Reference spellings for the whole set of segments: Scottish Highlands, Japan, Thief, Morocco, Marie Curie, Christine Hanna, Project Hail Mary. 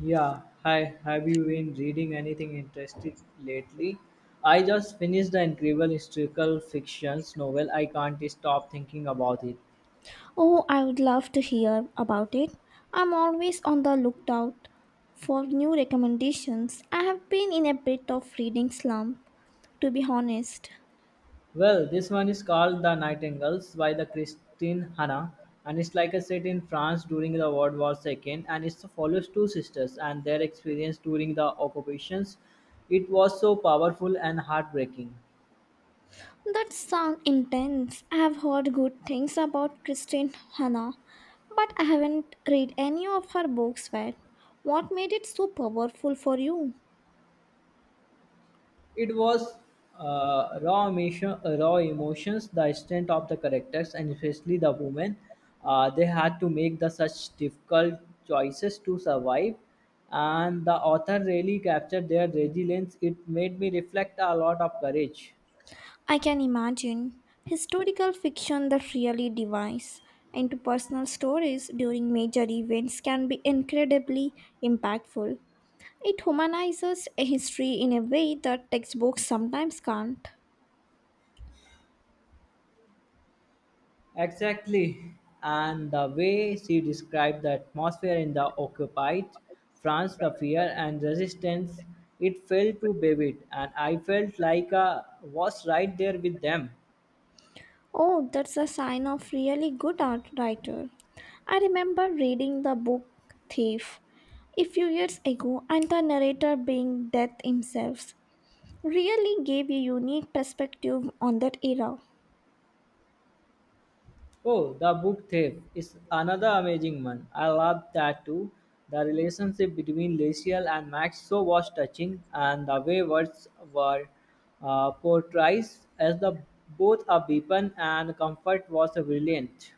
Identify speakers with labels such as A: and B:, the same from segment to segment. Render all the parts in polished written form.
A: Yeah, hi. Have you been reading anything interesting lately? I just finished the incredible historical fictions novel. I can't stop thinking about it.
B: Oh, I would love to hear about it. I'm always on the lookout for new recommendations. I have been in a bit of reading slump, to be honest.
A: Well, this one is called The Nightingales by the Christine Hanna, and it's like a set in France during the World War II, and it follows two sisters and their experience during the occupations. It was so powerful and heartbreaking.
B: That sounds intense. I have heard good things about Christine Hanna, but I haven't read any of her books yet. What made it so powerful for you?
A: It was raw, emotion, raw emotions, the strength of the characters, and especially the women. They had to make the such difficult choices to survive, and the author really captured their resilience. It made me reflect a lot of courage.
B: I can imagine historical fiction that really divides into personal stories during major events can be incredibly impactful. It humanizes a history in a way that textbooks sometimes can't.
A: Exactly. And the way she described the atmosphere in the occupied France, the fear and resistance, it felt too vivid, and I felt like I was right there with them.
B: Oh, that's a sign of really good art writer. I remember reading the book Thief a few years ago and the narrator being death himself really gave a unique perspective on that era.
A: Oh, the book thief is another amazing one. I love that too. The relationship between Lucille and Max so was touching, and the way words were portrayed as the both a weapon and comfort was brilliant.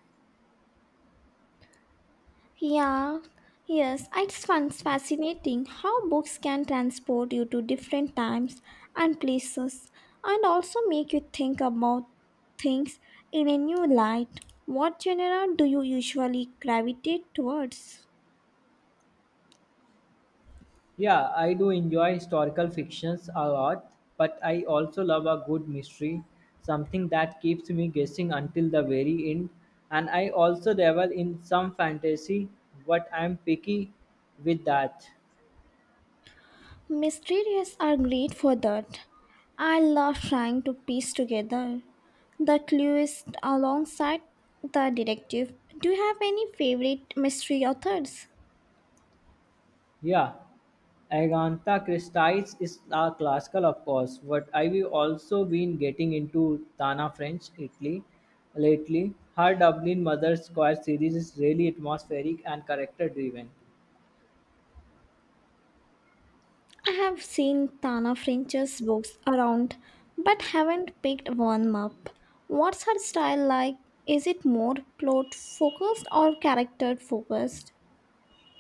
B: Yeah, yes, it's once fascinating how books can transport you to different times and places and also make you think about things in a new light. What genre do you usually gravitate towards?
A: Yeah, I do enjoy historical fictions a lot, but I also love a good mystery, something that keeps me guessing until the very end. And I also dabble in some fantasy, but I'm picky with that.
B: Mysterious are great for that. I love trying to piece together the clues alongside the detective. Do you have any favorite mystery authors?
A: Yeah, Agatha Christie is a classical, of course, but I've also been getting into Tana French Italy lately. Her Dublin Mother's Square series is really atmospheric and character driven.
B: I have seen Tana French's books around, but haven't picked one up. What's her style like? Is it more plot focused or character focused?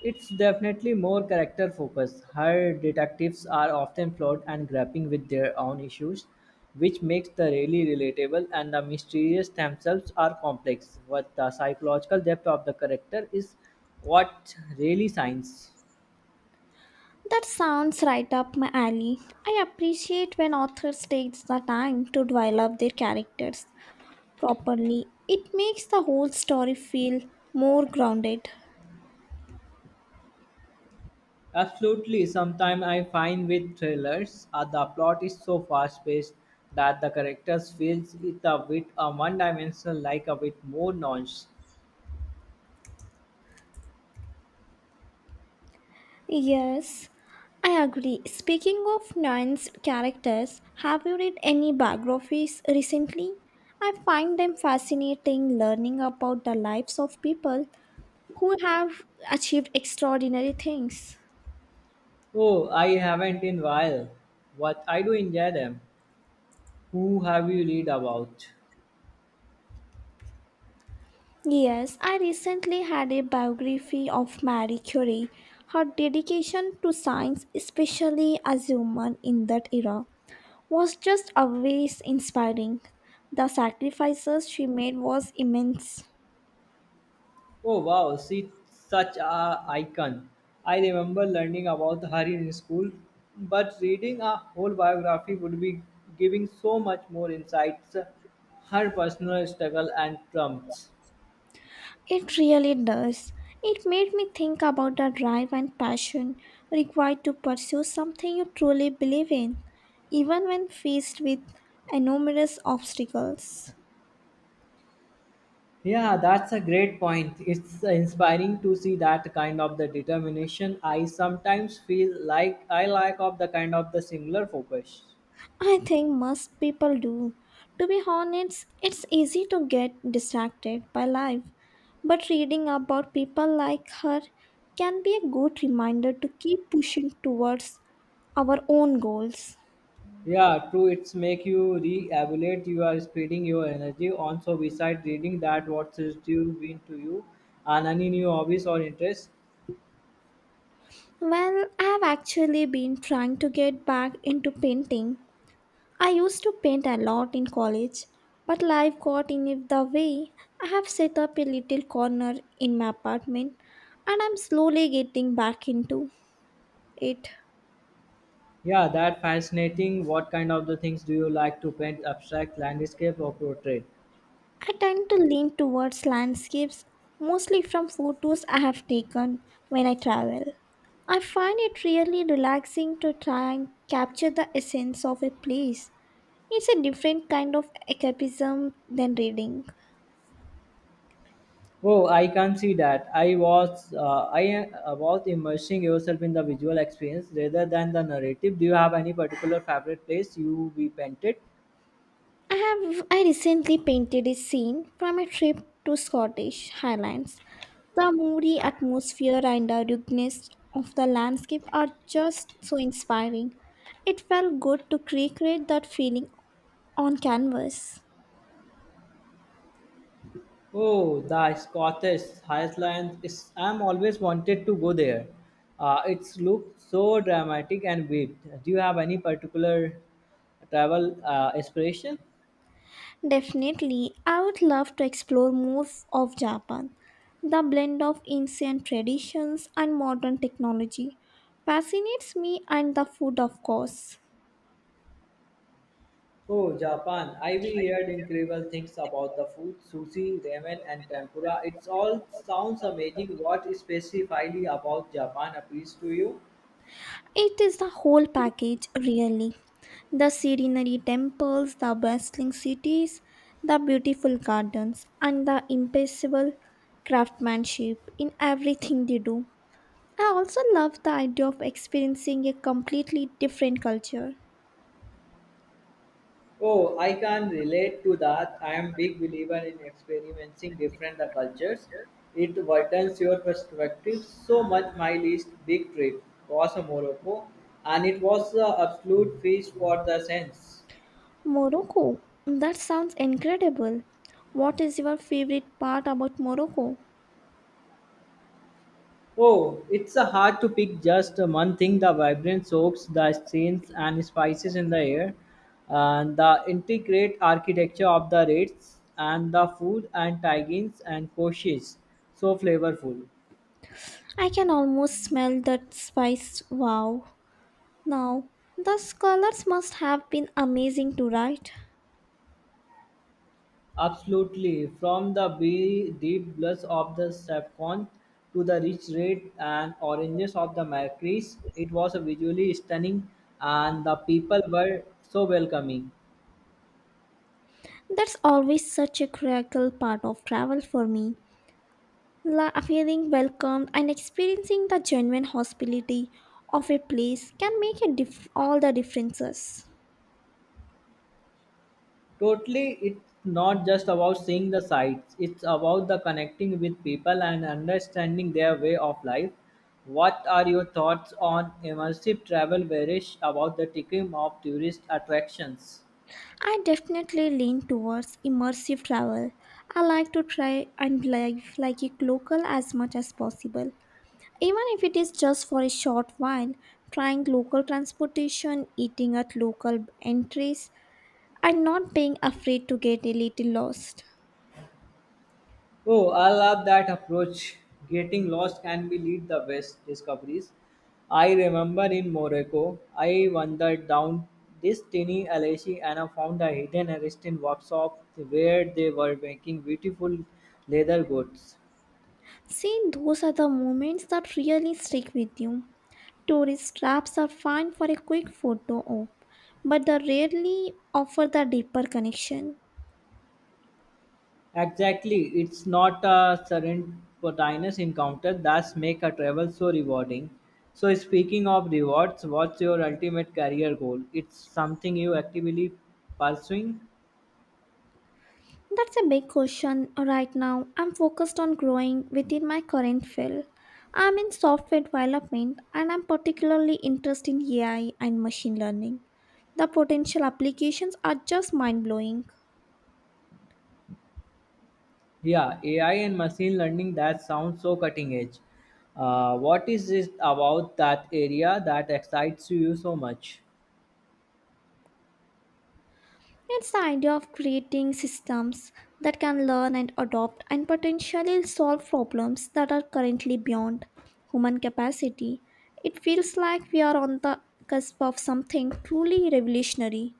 A: It's definitely more character focused. Her detectives are often flawed and grappling with their own issues, which makes the really relatable, and the mysteries themselves are complex. But the psychological depth of the character is what really shines.
B: That sounds right up my alley. I appreciate when authors take the time to develop their characters properly. It makes the whole story feel more grounded.
A: Absolutely. Sometimes I find with thrillers, the plot is so fast-paced that the characters feels it a bit one-dimensional, like a bit more nonce.
B: Yes, I agree. Speaking of Nine's characters, have you read any biographies recently? I find them fascinating learning about the lives of people who have achieved extraordinary things.
A: Oh, I haven't in while. But I do enjoy them. Who have you read about?
B: Yes, I recently had a biography of Marie Curie. Her dedication to science, especially as a woman in that era, was just always inspiring. The sacrifices she made was immense.
A: Oh wow, she's such a icon. I remember learning about her in school, but reading a whole biography would be giving so much more insights, her personal struggle and triumphs.
B: It really does. It made me think about the drive and passion required to pursue something you truly believe in, even when faced with enormous obstacles.
A: Yeah, that's a great point. It's inspiring to see that kind of the determination. I sometimes feel like I lack of the kind of the similar focus.
B: I think most people do. To be honest, it's easy to get distracted by life, but reading about people like her can be a good reminder to keep pushing towards our own goals.
A: Yeah, true. It's make you re-evaluate. You are spreading your energy. Also, besides reading that, what is due been to you, and any new hobbies or interests.
B: Well, I've actually been trying to get back into painting. I used to paint a lot in college, but life got in the way. I have set up a little corner in my apartment and I'm slowly getting back into it.
A: Yeah, that fascinating. What kind of the things do you like to paint? Abstract landscape or portrait?
B: I tend to lean towards landscapes, mostly from photos I have taken when I travel. I find it really relaxing to try and capture the essence of a place. It's a different kind of escapism than reading.
A: Oh, I can see that. I was immersing yourself in the visual experience rather than the narrative. Do you have any particular favorite place you we painted?
B: I recently painted a scene from a trip to Scottish Highlands. The moody atmosphere and the ruggedness of the landscape are just so inspiring. It felt good to recreate that feeling on canvas.
A: Oh, the Scottish Highlands. It's, I'm always wanted to go there. It's looks so dramatic and vivid. Do you have any particular travel inspiration?
B: Definitely, I would love to explore more of Japan. The blend of ancient traditions and modern technology fascinates me, and the food, of course.
A: Oh, Japan. I've heard incredible things about the food, sushi, ramen, and tempura. It all sounds amazing. What specifically about Japan appeals to you?
B: It is the whole package, really. The serenity temples, the bustling cities, the beautiful gardens, and the impeccable craftsmanship in everything they do. I also love the idea of experiencing a completely different culture.
A: Oh, I can relate to that. I am big believer in experiencing different the cultures. It widens your perspective so much. My least big trip was Morocco, and it was the absolute feast for the sense.
B: Morocco. That sounds incredible. What is your favorite part about Morocco?
A: Oh, it's hard to pick just one thing. The vibrant soaps, the scents and spices in the air, and the intricate architecture of the rates, and the food and tagines and coaches, so flavorful.
B: I can almost smell that spice. Wow. Now, the colors must have been amazing to write.
A: Absolutely, from the deep blush of the saffron to the rich red and oranges of the mercuries, it was a visually stunning, and the people were so welcoming.
B: That's always such a critical part of travel for me. Feeling welcomed and experiencing the genuine hospitality of a place can make a all the differences.
A: Totally, it's not just about seeing the sights, it's about the connecting with people and understanding their way of life. What are your thoughts on immersive travel varish about the ticking of tourist attractions?
B: I definitely lean towards immersive travel. I like to try and live like a local as much as possible. Even if it is just for a short while, trying local transportation, eating at local entries, and not being afraid to get a little lost.
A: Oh, I love that approach. Getting lost can be lead the best discoveries. I remember in Morocco, I wandered down this tiny alley and I found a hidden Aristide workshop where they were making beautiful leather goods.
B: See, those are the moments that really stick with you. Tourist traps are fine for a quick photo op, but they rarely offer the deeper connection.
A: Exactly, it's not a serendipitous encounter that's make a travel so rewarding. So speaking of rewards, what's your ultimate career goal? It's something you actively pursuing?
B: That's a big question right now. I'm focused on growing within my current field. I'm in software development and I'm particularly interested in AI and machine learning. The potential applications are just mind blowing.
A: Yeah, AI and machine learning that sounds so cutting edge. What is it about that area that excites you so much?
B: It's the idea of creating systems that can learn and adopt and potentially solve problems that are currently beyond human capacity. It feels like we are on the cusp of something truly revolutionary.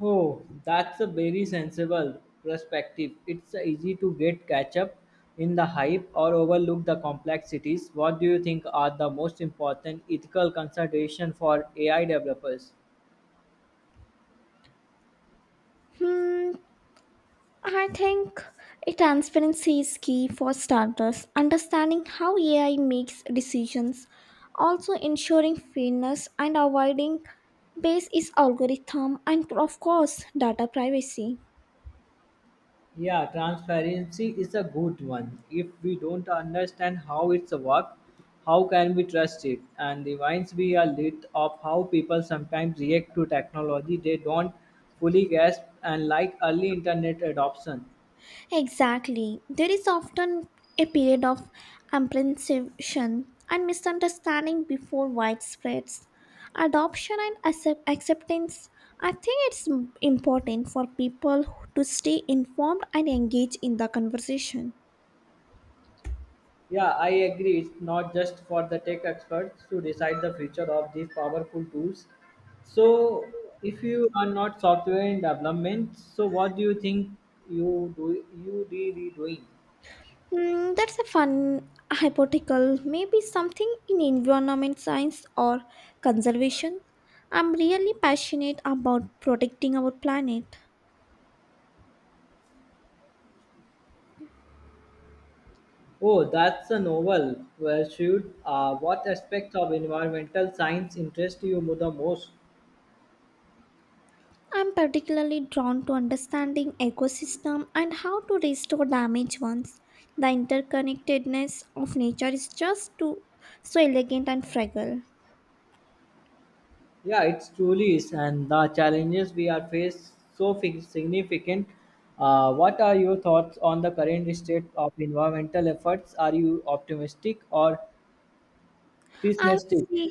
A: Oh, that's a very sensible perspective. It's easy to get catch up in the hype or overlook the complexities. What do you think are the most important ethical consideration for AI developers?
B: Hmm, I think a transparency is key for starters. Understanding how AI makes decisions, also ensuring fairness and avoiding base is algorithm and of course data privacy.
A: Yeah, transparency is a good one. If we don't understand how it's work, how can we trust it? And reminds me a lit of how people sometimes react to technology they don't fully grasp and like early internet adoption.
B: Exactly. There is often a period of apprehension and misunderstanding before widespread adoption and acceptance. I think it's important for people to stay informed and engage in the conversation.
A: Yeah, I agree. It's not just for the tech experts to decide the future of these powerful tools. So, if you are not software in development, so what do you think you do you really doing?
B: That's a fun hypothetical. Maybe something in environment science or conservation. I'm really passionate about protecting our planet.
A: Oh, that's a novel. Well, should what aspects of environmental science interest you the most?
B: I'm particularly drawn to understanding ecosystem and how to restore damaged ones. The interconnectedness of nature is just too so elegant and fragile.
A: Yeah, it truly is, and the challenges we are faced so significant. What are your thoughts on the current state of environmental efforts? Are you optimistic or
B: I would
A: pessimistic?
B: say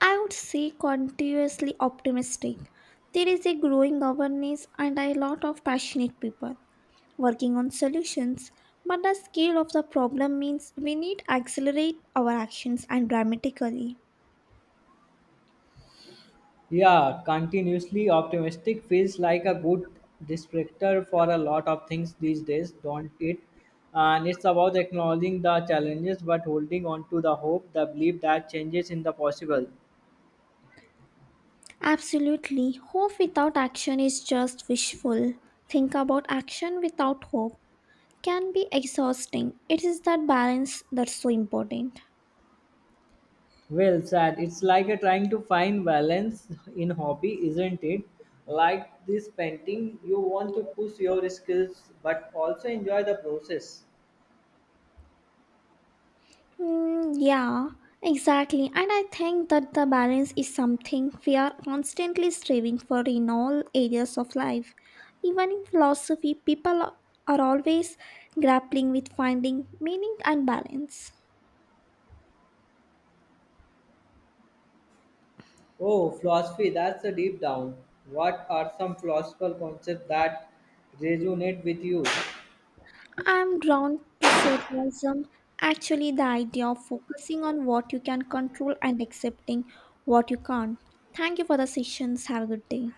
B: I would say continuously optimistic. There is a growing awareness and a lot of passionate people working on solutions, but the scale of the problem means we need to accelerate our actions and dramatically.
A: Yeah, continuously optimistic feels like a good descriptor for a lot of things these days, don't it? And it's about acknowledging the challenges but holding on to the hope, the belief that changes in the possible.
B: Absolutely. Hope without action is just wishful. Think about action without hope can be exhausting. It is that balance that's so important.
A: Well said. It's like a trying to find balance in hobby, isn't it? Like this painting, you want to push your skills but also enjoy the process.
B: Mm, yeah, exactly. And I think that the balance is something we are constantly striving for in all areas of life. Even in philosophy, people are always grappling with finding meaning and balance.
A: Oh, philosophy, that's a deep down. What are some philosophical concepts that resonate with you?
B: I'm drawn to socialism. Actually, the idea of focusing on what you can control and accepting what you can't. Thank you for the sessions. Have a good day.